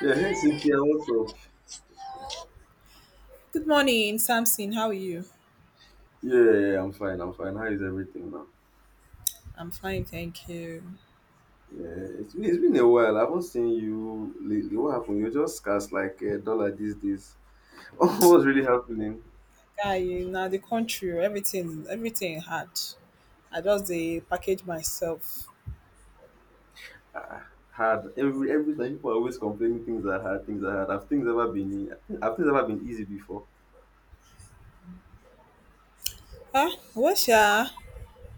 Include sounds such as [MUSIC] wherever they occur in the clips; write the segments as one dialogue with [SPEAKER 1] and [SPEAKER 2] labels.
[SPEAKER 1] Yeah, hey Cynthia, what's up?
[SPEAKER 2] Good morning, Samson. How are you?
[SPEAKER 1] Yeah, yeah, yeah, I'm fine. I'm fine. How is everything, man?
[SPEAKER 2] I'm fine, thank you.
[SPEAKER 1] Yeah, it's been a while. I haven't seen you lately. What happened? You're just scarce like a dollar these days. [LAUGHS] What's really happening?
[SPEAKER 2] Guy, you now the country, oh, everything hard. I just the package myself.
[SPEAKER 1] Ah, hard. Every time people are always complaining things are hard, things are hard. Have things ever been easy before?
[SPEAKER 2] Ah, what sha?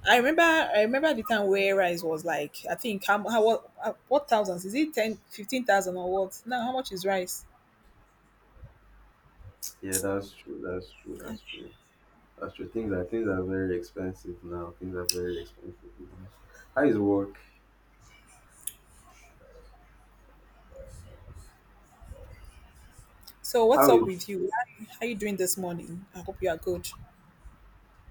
[SPEAKER 2] I remember the time where rice was like, I think how, how what thousands? Is it 10, 15,000 or what? Now how much is rice?
[SPEAKER 1] Yeah, that's true, that's true, that's true, that's true. Things are very expensive now. Things are very expensive now. How is work?
[SPEAKER 2] So what's
[SPEAKER 1] How is
[SPEAKER 2] up with you? How you doing this morning? I hope you are good.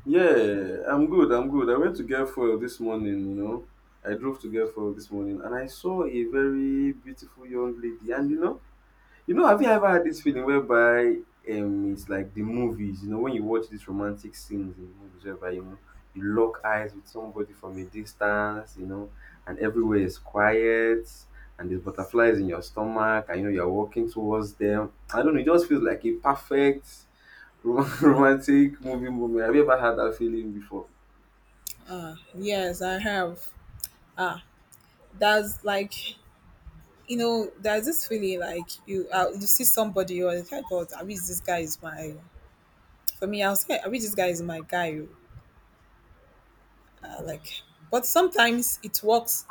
[SPEAKER 1] Yeah, I'm good. I'm good. I went to get fuel this morning. I drove to get fuel this morning and I saw a very beautiful young lady. And have you ever had this feeling whereby it's like the movies, when you watch these romantic scenes in the movies whereby you lock eyes with somebody from a distance, and everywhere is quiet, and there's butterflies in your stomach, and you're walking towards them. I don't know, it just feels like a perfect [LAUGHS] romantic movie moment. Have you ever had that feeling before?
[SPEAKER 2] Ah, yes, I have. Ah, that's like, there's this feeling like you see somebody, you're like, "Hey, God, I wish this guy is my. For me, I'll say, I wish this guy is my guy, oh." Like, but sometimes it works.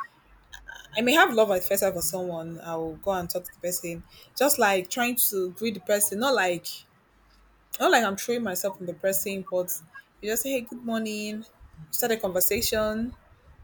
[SPEAKER 2] I may have love at first sight for someone. I'll go and talk to the person, just like trying to greet the person. Not like I'm throwing myself on the person, but you just say, "Hey, good morning." You start a conversation.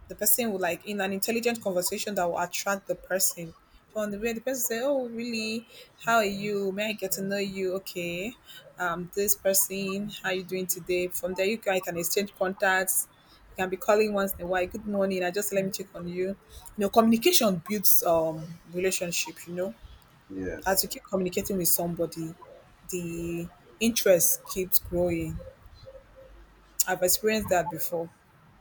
[SPEAKER 2] The person will like in an intelligent conversation that will attract the person. From the way the person say, "Oh, really? How are you? May I get to know you? Okay, this person, how you doing today?" From there, you can exchange contacts. You can be calling once in a while. Good morning. I just let me check on you. Communication builds relationship.
[SPEAKER 1] Yes,
[SPEAKER 2] As you keep communicating with somebody, the interest keeps growing. I've experienced that before.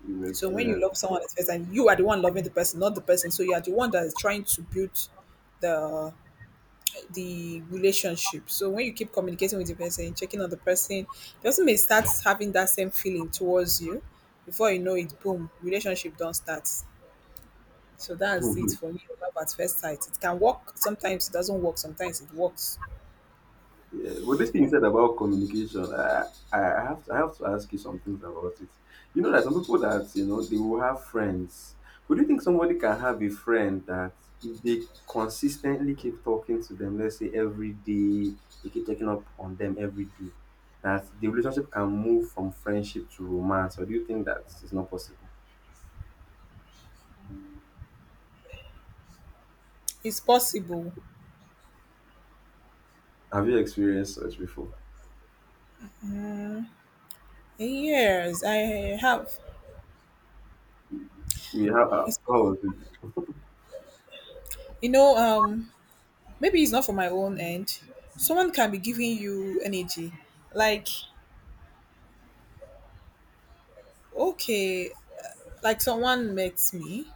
[SPEAKER 1] you've
[SPEAKER 2] So when you
[SPEAKER 1] experienced.
[SPEAKER 2] love someone at first, and you are the one loving the person, not the person, so you are the one that is trying to build the the relationship. So when you keep communicating with the person, checking on the person may start having that same feeling towards you. Before you know it, boom, relationship don't start. So that's it
[SPEAKER 1] [LAUGHS]
[SPEAKER 2] for me. Love at first sight. It can work. Sometimes it doesn't work. Sometimes it works.
[SPEAKER 1] Yeah. But this thing you said about communication, I have to ask you some things about it. You know that some people that they will have friends. Would you think somebody can have a friend that if they consistently keep talking to them, let's say every day, they keep taking up on them every day, that the relationship can move from friendship to romance? Or do you think that is not possible?
[SPEAKER 2] It's possible.
[SPEAKER 1] Have you experienced such before?
[SPEAKER 2] Yes, I have.
[SPEAKER 1] We have
[SPEAKER 2] It's
[SPEAKER 1] how
[SPEAKER 2] possible.
[SPEAKER 1] was it?
[SPEAKER 2] You know, um, Maybe it's not for my own end. Someone can be giving you energy. Like, okay, like someone met me.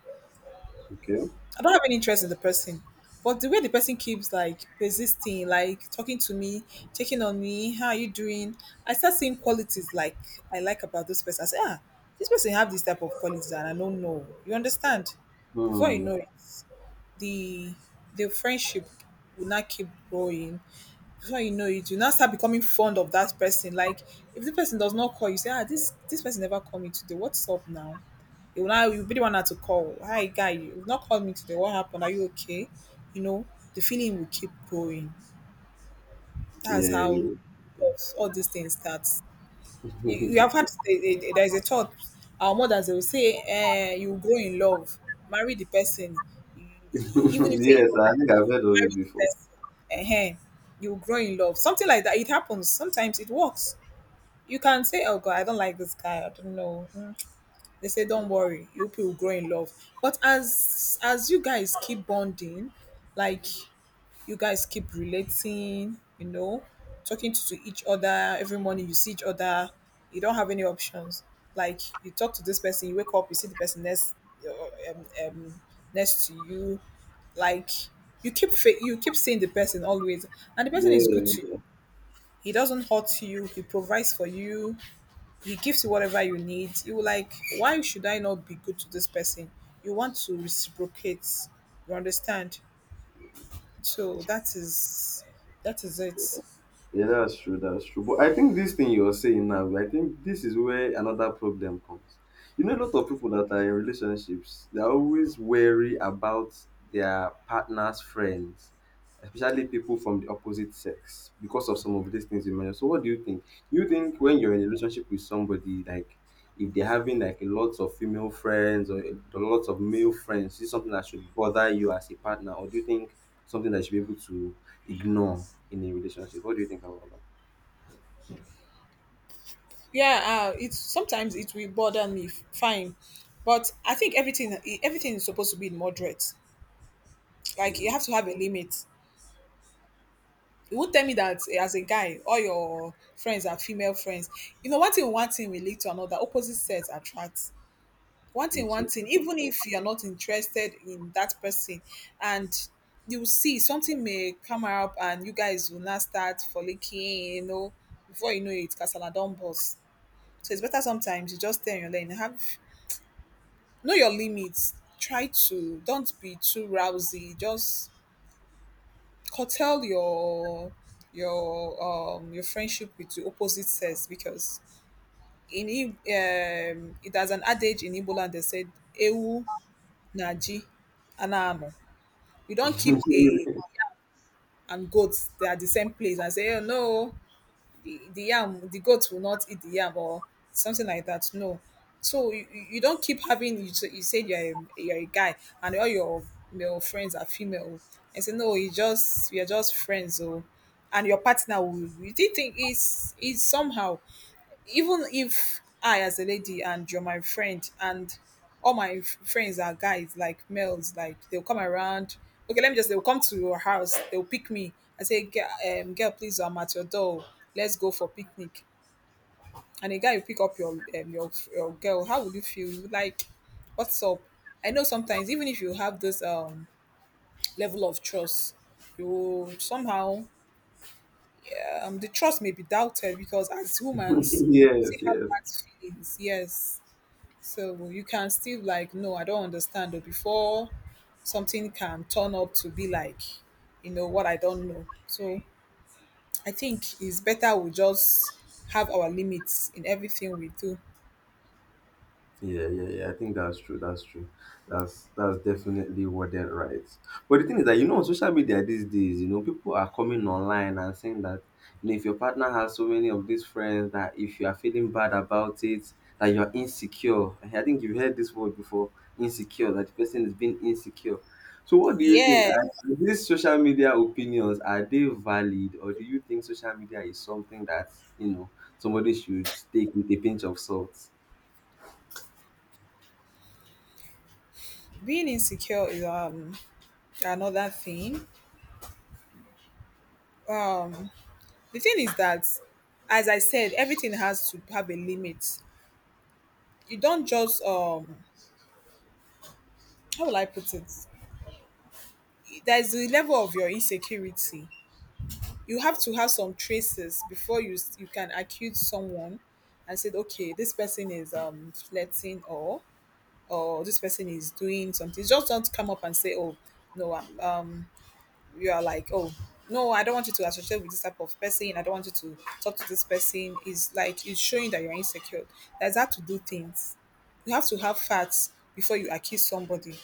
[SPEAKER 1] Okay.
[SPEAKER 2] I don't have any interest in the person. But the way the person keeps like persisting, like talking to me, checking on me, how are you doing? I start seeing qualities like I like about this person. I say, ah, this person have this type of qualities and I don't know. You understand? Before you
[SPEAKER 1] Hmm.
[SPEAKER 2] know it, the the friendship will not keep growing before you know it, you now start becoming fond of that person. Like if the person does not call, you say, ah, this person never called me today. What's up now? You will now you be the one that to call. Hi guy, you've not called me today. What happened? Are you okay? You know, the feeling will keep going. That's
[SPEAKER 1] Yeah.
[SPEAKER 2] how
[SPEAKER 1] Yeah.
[SPEAKER 2] all these things start. You have had there is a thought. Our mothers they will say, eh, you grow in love, marry the person, E-
[SPEAKER 1] [LAUGHS]
[SPEAKER 2] even if they
[SPEAKER 1] Yes, I
[SPEAKER 2] marry
[SPEAKER 1] think I've heard of it before.
[SPEAKER 2] the person, ehen, you grow in love. Something like that. It happens. Sometimes it works. You can say, "Oh God, I don't like this guy. I don't know." Mm. They say, "Don't worry, you people will grow in love." But as you guys keep bonding, like you guys keep relating, talking to each other every morning. You see each other. You don't have any options. Like you talk to this person, you wake up, you see the person uh, um, um, next to you. Like you keep seeing the person always, and the person is good
[SPEAKER 1] Yeah.
[SPEAKER 2] to you. He doesn't hurt you. He provides for you. He gives you whatever you need. You like why should I not be good to this person? You want to reciprocate. You understand? So that is it.
[SPEAKER 1] Yeah, that's true. That's true. But I think this thing you're saying now, I think this is where another problem comes. You know, a lot of people that are in relationships, they're always wary about their partner's friends, especially people from the opposite sex, because of some of these things you mentioned. So, what do you think? You think when you're in a relationship with somebody, like if they're having like a lot of female friends or a lot of male friends, is it something that should bother you as a partner, or do you think something that you should be able to ignore in a relationship. What do you think about that?
[SPEAKER 2] Yeah, it's sometimes it will bother me. Fine, but I think everything is supposed to be in moderate. Like you
[SPEAKER 1] Mm,
[SPEAKER 2] have to have a limit. You won't tell me
[SPEAKER 1] sure.
[SPEAKER 2] that eh, as a guy, all your friends are female friends. One thing will lead to another. Opposite sex attracts. One thing
[SPEAKER 1] It's a
[SPEAKER 2] one thing. Even if you are not interested in that person, and you will see something may come up, and you guys will not start for licking, Before you know it, Casala don't. So it's better sometimes you just stay on your lane. Have know your limits. Try to don't be too rousy. Just curtail your friendship with the opposite sex because it has an adage in Igbo land they said ewu naji anano. You don't keep a and goats they are the same place and say oh no the yam the goat will not eat the yam or something like that no so you, you don't keep having you, so you said you're a guy and all your male friends are female and say no you just you're just friends so and your partner will you did think is somehow even if I, as a lady, and you're my friend, and all my friends are guys, like males, like they'll come around. Okay, let me just, they'll come to your house, they'll pick me. I say, "Girl, girl, please, I'm at your door. Let's go for picnic. And a guy will pick up your girl. How would you feel? You would, like, what's up? I know sometimes, even if you have this level of trust, you somehow, the trust may be doubted because as
[SPEAKER 1] [LAUGHS]
[SPEAKER 2] humans, we still
[SPEAKER 1] yes,
[SPEAKER 2] have
[SPEAKER 1] yes.
[SPEAKER 2] that feelings. Yes. So you can still like, no, I don't understand though, before something can turn up to be like, what I don't know. So I think it's better we just have our limits in everything we do.
[SPEAKER 1] Yeah, yeah, yeah. I think that's true. That's true. That's definitely what they're right. But the thing is that on social media these days, people are coming online and saying that if your partner has so many of these friends that if you are feeling bad about it, that you're insecure. I think you've heard this word before, insecure, that the person is being insecure. So what do you think? Are
[SPEAKER 2] Yeah,
[SPEAKER 1] are these social media opinions, are they valid, or do you think social media is something that, somebody should take with a pinch of salt?
[SPEAKER 2] being insecure is another thing. The thing is that, as I said, everything has to have a limit. You don't just how will I put it? There's the level of your insecurity, you have to have some traces before you can accuse someone and said okay this person is flirting or this person is doing something. Just don't come up and say oh no, you are like oh no, I don't want you to associate with this type of person. I don't want you to talk to this person. Is like it's showing that you're insecure. That's how to do things. You have to have facts before you accuse somebody.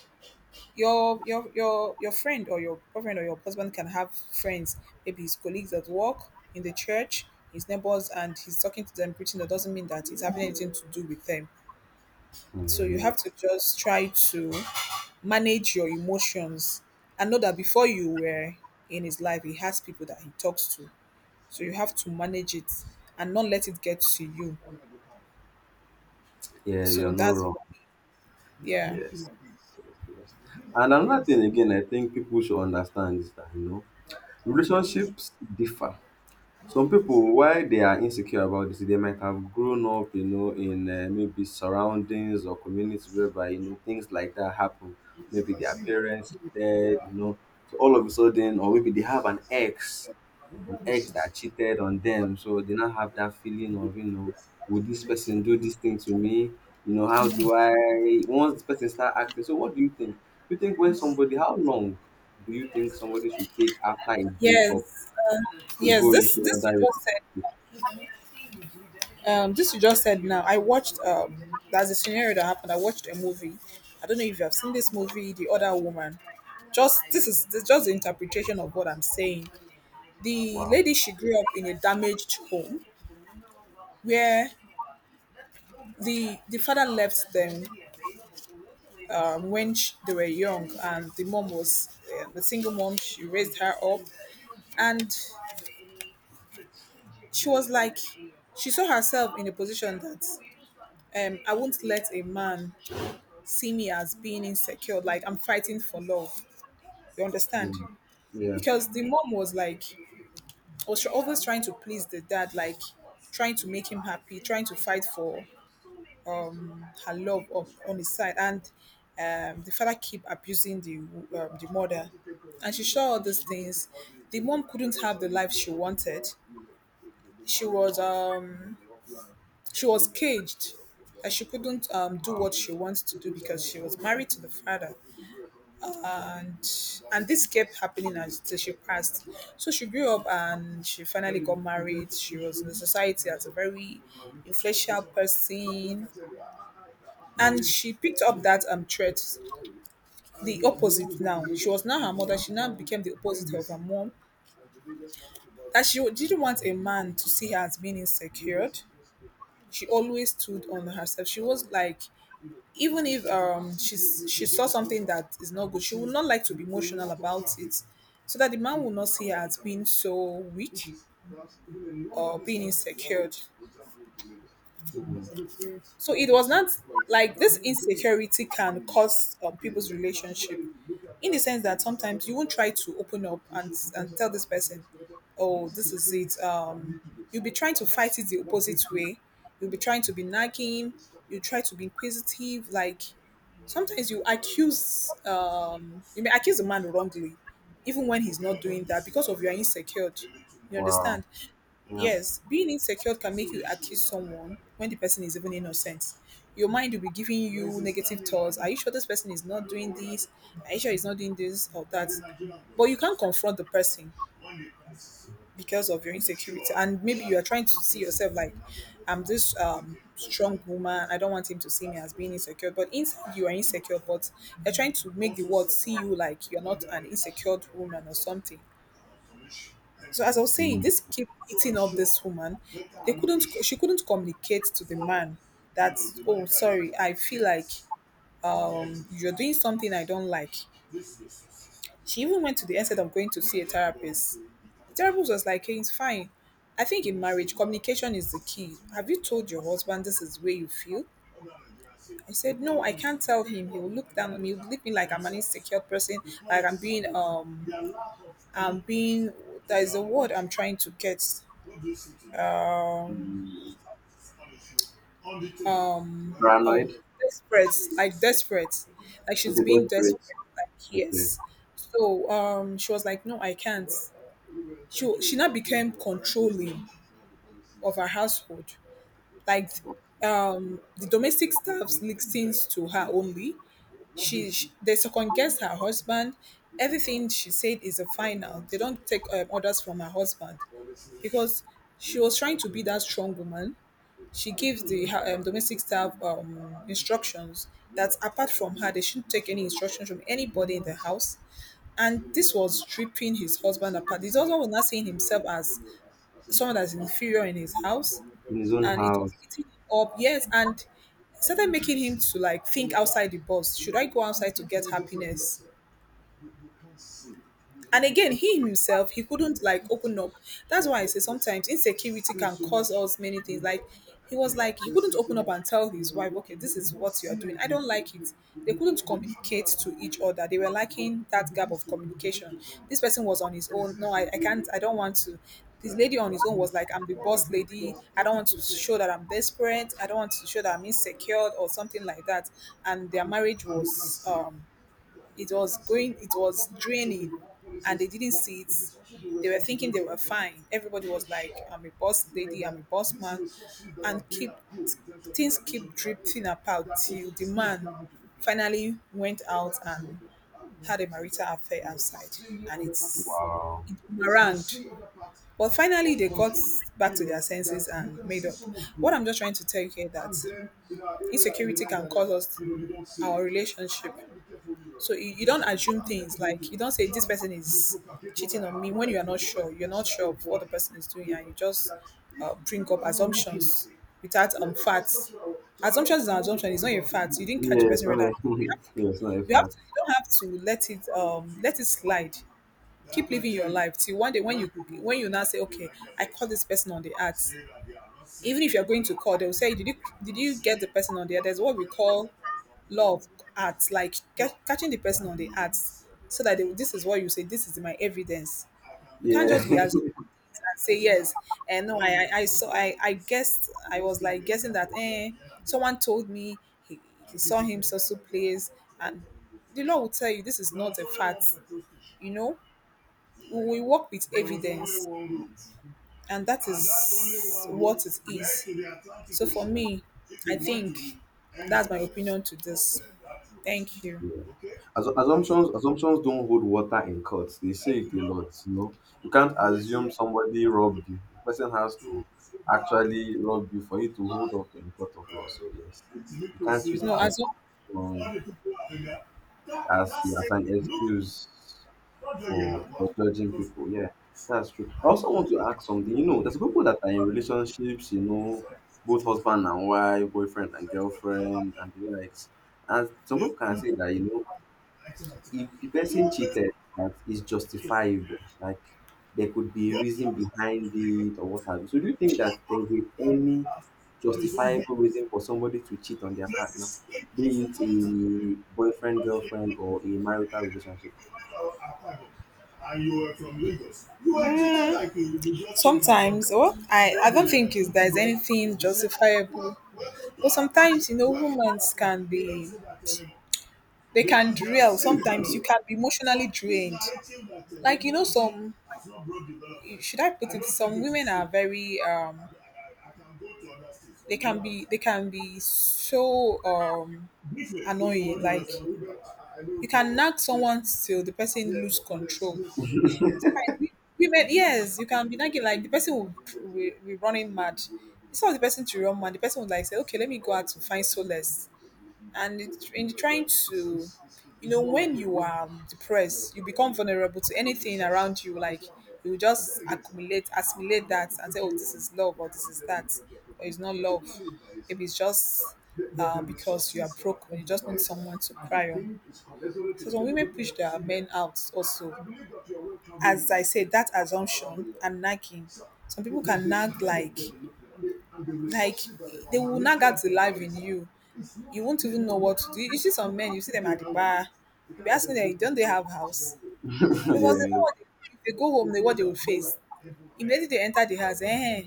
[SPEAKER 2] Your friend or your boyfriend or your husband can have friends, maybe his colleagues at work, in the church, his neighbors, and he's talking to them preaching. That doesn't mean that it's having anything to do with them. So
[SPEAKER 1] Mm,
[SPEAKER 2] you have
[SPEAKER 1] yeah.
[SPEAKER 2] to just try to manage your emotions and know that before you were in his life, he has people that he talks to. So you have to manage it and not let it get to you.
[SPEAKER 1] Yeah, you're
[SPEAKER 2] So
[SPEAKER 1] not
[SPEAKER 2] that's,
[SPEAKER 1] wrong.
[SPEAKER 2] yeah.
[SPEAKER 1] Yes. Yes. Yes. And another thing again, I think people should understand is that relationships differ. Some people, why they are insecure about this, they might have grown up, in maybe surroundings or communities whereby things like that happen. Maybe their parents dead, so all of a sudden, or maybe they have an ex that cheated on them. So they now have that feeling of, would this person do this thing to me? How do I once this person start acting? So what do you think? You think when somebody, how long do you think somebody should take after a breakup
[SPEAKER 2] Yes,
[SPEAKER 1] they
[SPEAKER 2] yes.
[SPEAKER 1] go into
[SPEAKER 2] This you
[SPEAKER 1] another
[SPEAKER 2] just said.
[SPEAKER 1] relationship?
[SPEAKER 2] This you just said now. I watched. That's a scenario that happened. I watched a movie. I don't know if you have seen this movie, The Other Woman. Just this is just the interpretation of what I'm saying. The
[SPEAKER 1] Wow.
[SPEAKER 2] lady she grew up in a damaged home where the father left them, when sh they were young, and the mom was the single mom. She raised her up, and she was like, she saw herself in a position that, I won't let a man see me as being insecure, like I'm fighting for love. You understand?
[SPEAKER 1] Mm. Yeah.
[SPEAKER 2] Because the mom was like, was always trying to please the dad, like trying to make him happy, trying to fight for her love of, on his side, and the father keep abusing the mother, and she saw all these things. The mom couldn't have the life she wanted. She was um she was caged, and she couldn't do
[SPEAKER 1] Wow.
[SPEAKER 2] what she wants to do because she was married to the father and this kept happening until she passed. So she grew up and she finally got married. She was in the society as a very influential person, and she picked up that trait, the opposite. Now she was now her mother. She now became the opposite of her mom. That she didn't want a man to see her as being insecure. She always stood on herself. She was like, even if she saw something that is not good, she would not like to be emotional about it, so that the man will not see her as being so weak or being insecure.
[SPEAKER 1] Mm.
[SPEAKER 2] So it was not like this insecurity can cause people's relationship, in the sense that sometimes you won't try to open up and tell this person, oh, this is it. You'll be trying to fight it the opposite way. You'll be trying to be nagging. You try to be inquisitive. Like sometimes you may accuse a man wrongly, even when he's not doing that because of your insecure. You
[SPEAKER 1] Wow.
[SPEAKER 2] understand?
[SPEAKER 1] Yeah.
[SPEAKER 2] Yes, being insecure can make you accuse someone when the person is even innocent. Your mind will be giving you negative thoughts. Are you sure this person is not doing this? Are you sure he's not doing this or that? But you can't confront the person because of your insecurity. And maybe you are trying to see yourself like, I'm this strong woman. I don't want him to see me as being insecure. But inside you are insecure, but they're trying to make the world see you like you're not an insecure woman or something. So as I was saying,
[SPEAKER 1] Mm.
[SPEAKER 2] this keep eating up this woman. They couldn't. She couldn't communicate to the man that, oh sorry, I feel like you're doing something I don't like. She even went to the extent of going to see a therapist. The therapist was like, hey, it's fine. I think in marriage, communication is the key. Have you told your husband this is where you feel? I said, no, I can't tell him. He will look down on me. He will look me like I'm an insecure person, like I'm being, there is a word I'm trying to get. um
[SPEAKER 1] Mm.
[SPEAKER 2] um oh,
[SPEAKER 1] Paranoid.
[SPEAKER 2] desperate, like desperate, like she's
[SPEAKER 1] Okay,
[SPEAKER 2] being
[SPEAKER 1] desperate.
[SPEAKER 2] desperate, like
[SPEAKER 1] Okay.
[SPEAKER 2] yes. So she was like, no, I can't. She now became controlling of her household, like, the domestic staff listens to her only. She They second guess her husband. Everything she said is a final. They don't take orders from her husband, because she was trying to be that strong woman. She gives the her, domestic staff instructions that apart from her, they shouldn't take any instructions from anybody in the house. And this was tripping his husband apart. His husband was not seeing himself as someone that's inferior in his house,
[SPEAKER 1] In his own
[SPEAKER 2] and it was
[SPEAKER 1] house.
[SPEAKER 2] eating him up, yes, and it started making him to like think outside the box, should I go outside to get happiness? And again, he himself, he couldn't like open up. That's why I say sometimes insecurity can cause us many things. Like he was like, he couldn't open up and tell his wife, okay, this is what you're doing, I don't like it. They couldn't communicate to each other. They were lacking that gap of communication. This person was on his own, no, I can't, I don't want to. This lady on his own was like, I'm the boss lady, I don't want to show that I'm desperate, I don't want to show that I'm insecure or something like that. And their marriage was, it was draining, and they didn't see it. They were thinking they were fine. Everybody was like, I'm a boss lady, I'm a boss man. And keep things keep drifting apart, till the man finally went out and had a marital affair outside, and it's
[SPEAKER 1] Wow.
[SPEAKER 2] it boomeranged. But finally, they got back to their senses and made up. What I'm just trying to tell you here that insecurity can cause us our relationship. So you don't assume things, like you don't say this person is cheating on me when you are not sure. You're not sure of what the person is doing, and you just bring up assumptions without facts. Assumptions is an assumption. It's not a fact. You didn't catch the
[SPEAKER 1] Yeah, it's
[SPEAKER 2] person
[SPEAKER 1] not a
[SPEAKER 2] whether you
[SPEAKER 1] [LAUGHS]
[SPEAKER 2] have to.
[SPEAKER 1] yeah, it's not a
[SPEAKER 2] You, have
[SPEAKER 1] fact.
[SPEAKER 2] to, you don't have to let it slide. Keep living your life till one day when you now say, okay, I call this person on the act. Even if you're going to call, they'll say, did you, get the person on the act? There's what we call law of art, like catching the person on the act, so that this is what you say, this is my evidence. You can't
[SPEAKER 1] Yeah.
[SPEAKER 2] just be as
[SPEAKER 1] [LAUGHS]
[SPEAKER 2] and say yes, and no, I saw, I guessed, I was like guessing that, someone told me he, he saw him so place. And the law will tell you this is not a fact you know we work with evidence, and that is what it is. So for
[SPEAKER 1] Yeah,
[SPEAKER 2] me, I think that's my opinion to this. Thank you.
[SPEAKER 1] yeah. Assumptions don't hold water in court. They say it a lot, you know. You can't assume somebody robbed you. The person has to actually rob you for you to hold up in court of law. So yes. You can't use
[SPEAKER 2] No as well.
[SPEAKER 1] assumption as an excuse for judging people. Yeah, that's true. I also want to ask something. You know, there's people that are in relationships. You know, both husband and wife, boyfriend and girlfriend, and the likes. And some people can say that if the person cheated, that is justifiable. Like there could be a reason behind it or what have you. So do you think that there is any justifiable reason for somebody to cheat on their partner, be it a boyfriend, girlfriend, or a marital relationship?
[SPEAKER 2] Oh, anything justifiable. You know, humans can be they can derail.
[SPEAKER 1] [LAUGHS]
[SPEAKER 2] Sometimes you can be emotionally drained. Like you know, some should I put it? Some women are very, they can be so annoying. Like you can nag someone till the person lose control. Sometimes we- women, yes, you can be nagging like the person will running mad. It's not the person to run mad. The person would like say, okay, let me go out to find solace. And in trying to, you know, when you are depressed, you become vulnerable to anything around you, like you just accumulate assimilate that and say, oh, this is love or this is that, or it's not love, if it's just because you are broken, you just need someone to cry on. So some women push their men out also, as I said, that assumption and nagging. Some people can nag like they will not get the life in you. You won't even know what to do. You see some men, you see them at the bar, you'll be asking them, don't they have house? Because they know what
[SPEAKER 1] Yes.
[SPEAKER 2] they, if they go home, they what they will face. Immediately they enter the house,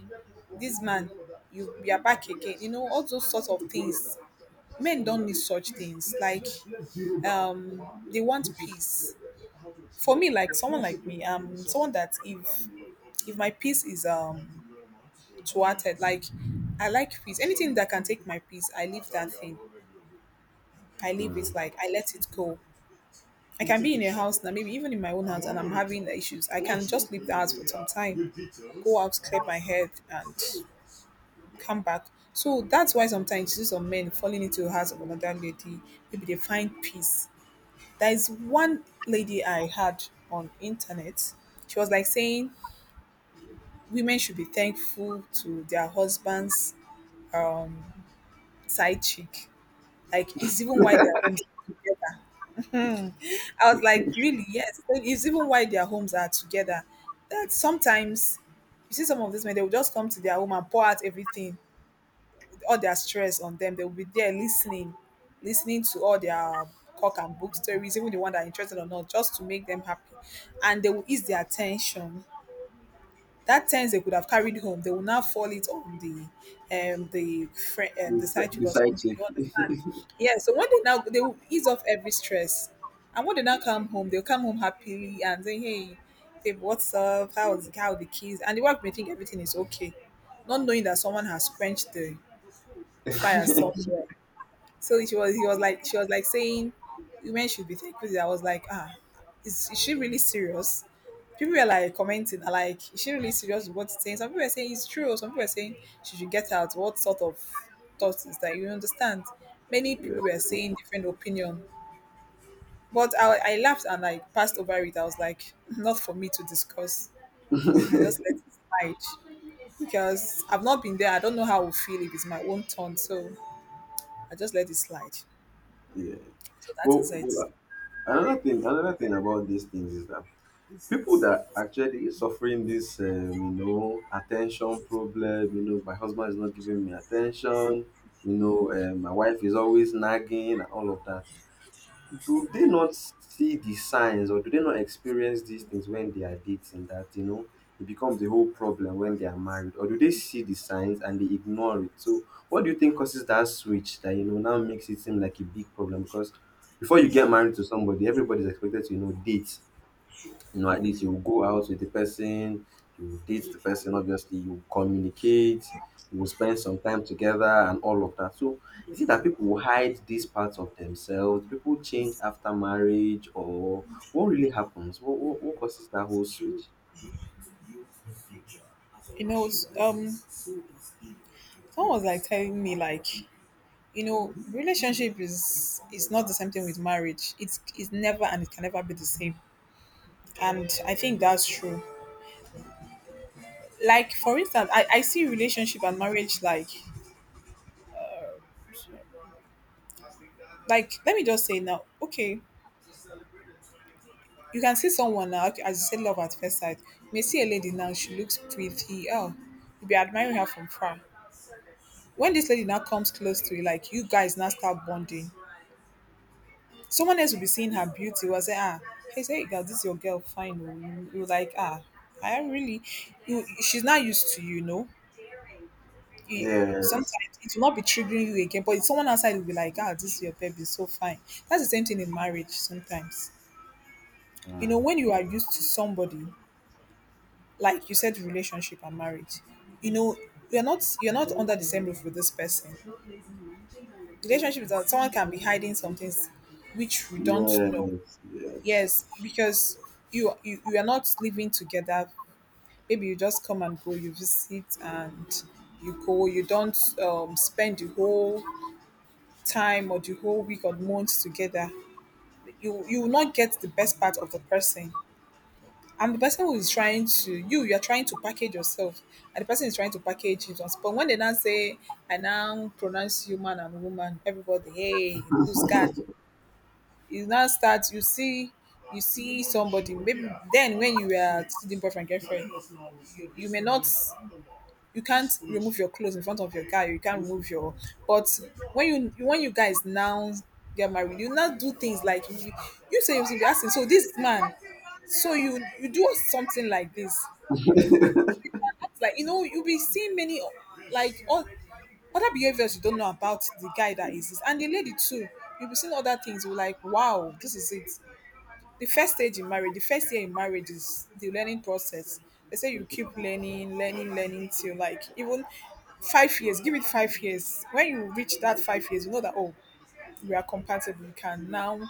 [SPEAKER 2] this man, you are back again. You know, all those sorts of things. Men don't need such things. Like, they want peace. For me, like someone like me, someone that if my peace is, it's like, I like peace. Anything that can take my peace, I leave that thing. I leave it,
[SPEAKER 1] Mm.
[SPEAKER 2] like I let it go. I can be in a house now, maybe even in my own house, and I'm having issues. I can just leave the house for some time, go out, clear my head, and come back. So that's why sometimes you see some men falling into the house of another lady. Maybe they find peace. There is one lady I had on internet. She was like saying women should be thankful to their husband's um, side chick. Like, it's even why their homes are together. I was like, really? Yes. So it's even why their homes are together. That sometimes you see some of these men, they will just come to their home and pour out everything, all their stress on them. They will be there listening, listening to all their cock and book stories, even the one that are interested or not, just to make them happy. And they will ease their attention that ten they could have carried home, they will now fall it on the
[SPEAKER 1] The
[SPEAKER 2] side chick
[SPEAKER 1] si-
[SPEAKER 2] or
[SPEAKER 1] side
[SPEAKER 2] something. You understand?
[SPEAKER 1] chick.
[SPEAKER 2] Yeah. So when they now, they will ease off every stress, and when they now come home, they'll come home happily and say, "Hey, babe, what's up? How are the kids?" And the wife may think everything is okay, not knowing that someone has quenched the fire
[SPEAKER 1] [LAUGHS]
[SPEAKER 2] somewhere. So She was like saying, women should be thankful. I was like, ah, is she really serious? People were like commenting, like, is she really serious with what she's saying? Some people were saying it's true. Some people were saying she should get out. What sort of thoughts is that? You understand? Many people were saying different opinion, but I laughed and like passed over it. I was like, [LAUGHS] not for me to discuss. I
[SPEAKER 1] Yeah.
[SPEAKER 2] just
[SPEAKER 1] [LAUGHS]
[SPEAKER 2] let it slide because I've not been there. I don't know how I will feel if it's my own turn. So I just let it slide.
[SPEAKER 1] Yeah.
[SPEAKER 2] So that
[SPEAKER 1] Well,
[SPEAKER 2] is it.
[SPEAKER 1] well, another thing about these things is that people that actually suffering this, attention problem, my husband is not giving me attention, my wife is always nagging and all of that. Do they not see the signs or do they not experience these things when they are dating that, it becomes a whole problem when they are married? Or do they see the signs and they ignore it? So, what do you think causes that switch that, now makes it seem like a big problem? Because before you get married to somebody, everybody's expected to, date at least you will go out with the person, you will date the person, obviously, you will communicate, you will spend some time together, and all of that. So, is it that people will hide these parts of themselves? People change after marriage, or what really happens? What causes that whole switch?
[SPEAKER 2] You know, it's, someone was like telling me like, you know, relationship is not the same thing with marriage. It's never, and it can never be the same. And I think that's true. Like for instance, I see relationship and marriage like let me just say now, okay, you can see someone now, okay, as you said, love at first sight. You may see a lady now, she looks pretty. Oh, you be admiring her from far. When this lady now comes close to you, like you guys now start bonding, someone else will be seeing her beauty will say, ah, hey, say, girl, this your girl, fine. Oh." You like, ah, I really, you, she's not used to you, you know. You
[SPEAKER 1] Yes.
[SPEAKER 2] sometimes it will not be triggering you again, but someone outside will be like, ah, this your baby, so fine. That's the same thing in marriage sometimes. You know,
[SPEAKER 1] Mm.
[SPEAKER 2] when you are used to somebody, like you said, relationship and marriage, you know, you're not under the same roof with this person. Relationship is that someone can be hiding some things which we don't know.
[SPEAKER 1] Yes. Yes.
[SPEAKER 2] Yes, because you are not living together. Maybe you just come and go, you visit and you go. You don't spend the whole time or the whole week or month together. You will not get the best part of the person. And the person who is trying to you, you are trying to package yourself, and the person is trying to package himself. But when they now say, "I now pronounce you man and woman," everybody, hey, lose guard. You now start you see somebody maybe then when you were still boyfriend girlfriend, you may not you can't remove your clothes in front of your guy, you can't remove your, but when you guys now get married, you now do things like you say, you'll be asking, so this man, so you do something like this, like you know, you'll be seeing many, like all other behaviors you don't know about the guy that is exists, and the lady too, you'll be seeing other things, you're like wow, this is it. The first stage in marriage, the first year in marriage is the learning process. They say you keep learning, learning, learning till like even 5 years. Give it 5 years. When you reach that 5 years, you know that oh, we are compatible. We can now.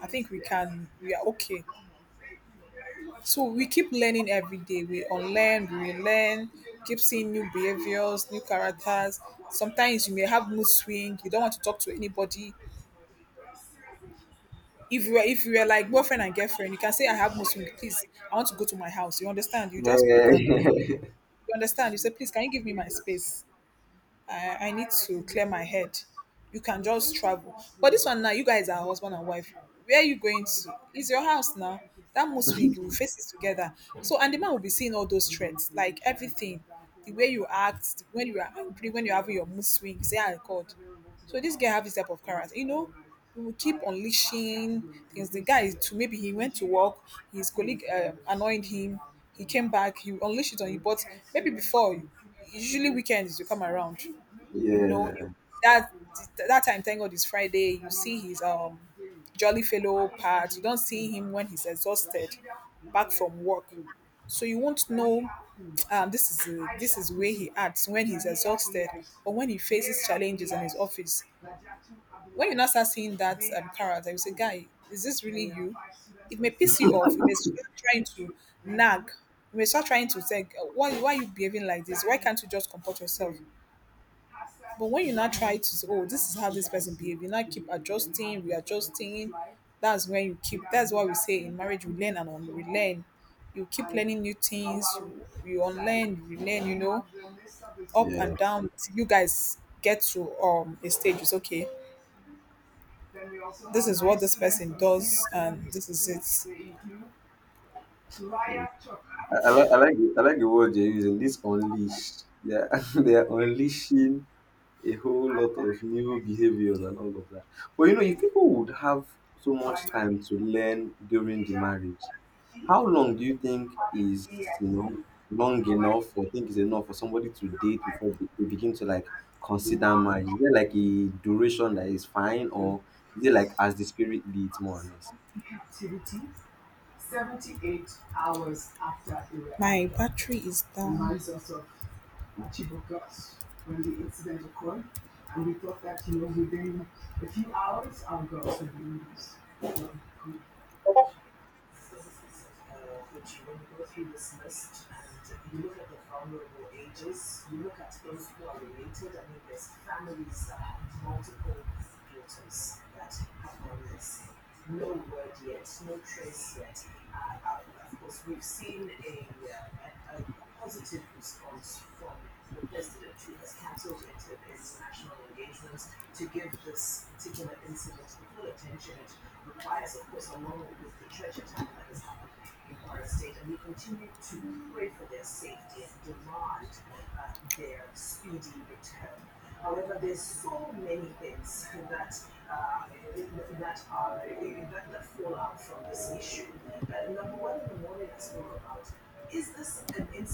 [SPEAKER 2] I think we can. We are okay. So we keep learning every day. We unlearn, we learn, keep seeing new behaviors, new characters. Sometimes you may have mood swing. You don't want to talk to anybody. If you were like boyfriend and girlfriend, you can say I have Muslim, please. I want to go to my house. You understand? You just pack
[SPEAKER 1] Yeah.
[SPEAKER 2] and you understand. You say, please, can you give me my space? I need to clear my head. You can just travel. But this one now, you guys are husband and wife. Where are you going to? It's your house now. That must swing, you will face it together. So, and the man will be seeing all those threats, like everything. The way you act, when you are angry, when you're having your mood swing, say, I God. So this guy have this type of character. You know, he will keep unleashing things. The guy is to maybe he went to work, his colleague annoyed him, he came back, he will unleash it on you. But maybe before usually weekends you come around,
[SPEAKER 1] [LAUGHS]
[SPEAKER 2] you know, you,
[SPEAKER 1] Yeah.
[SPEAKER 2] that that time thank god is Friday, you see his jolly fellow part, you don't see him when he's exhausted back from work, so you won't know, this is, this is where he acts when he's exhausted or when he faces challenges in his office. When you now start seeing that, carrot, I will say, guy, is this really you? It may piss you off. You may start trying to nag. You may start trying to say, why are you behaving like this? Why can't you just comport yourself? But when you now try to say, oh, this is how this person behaves," you now keep adjusting, readjusting. That's when you keep, that's what we say in marriage, we learn and un- we learn. You keep learning new things, you unlearn, you relearn, you know, up
[SPEAKER 1] Yeah.
[SPEAKER 2] and down. You guys get to a stage, it's okay. This is what this person does, and this is it.
[SPEAKER 1] Mm. I like the word you're using. This unleash. Yeah, [LAUGHS] they are unleashing a whole lot of new behaviors and all of that. But if people would have so much time to learn during the marriage, how long do you think is long enough or think is enough for somebody to date before they begin to like consider marriage? Is there like a duration that is fine, or is it like as the spirit leads more or less?
[SPEAKER 2] My battery is down.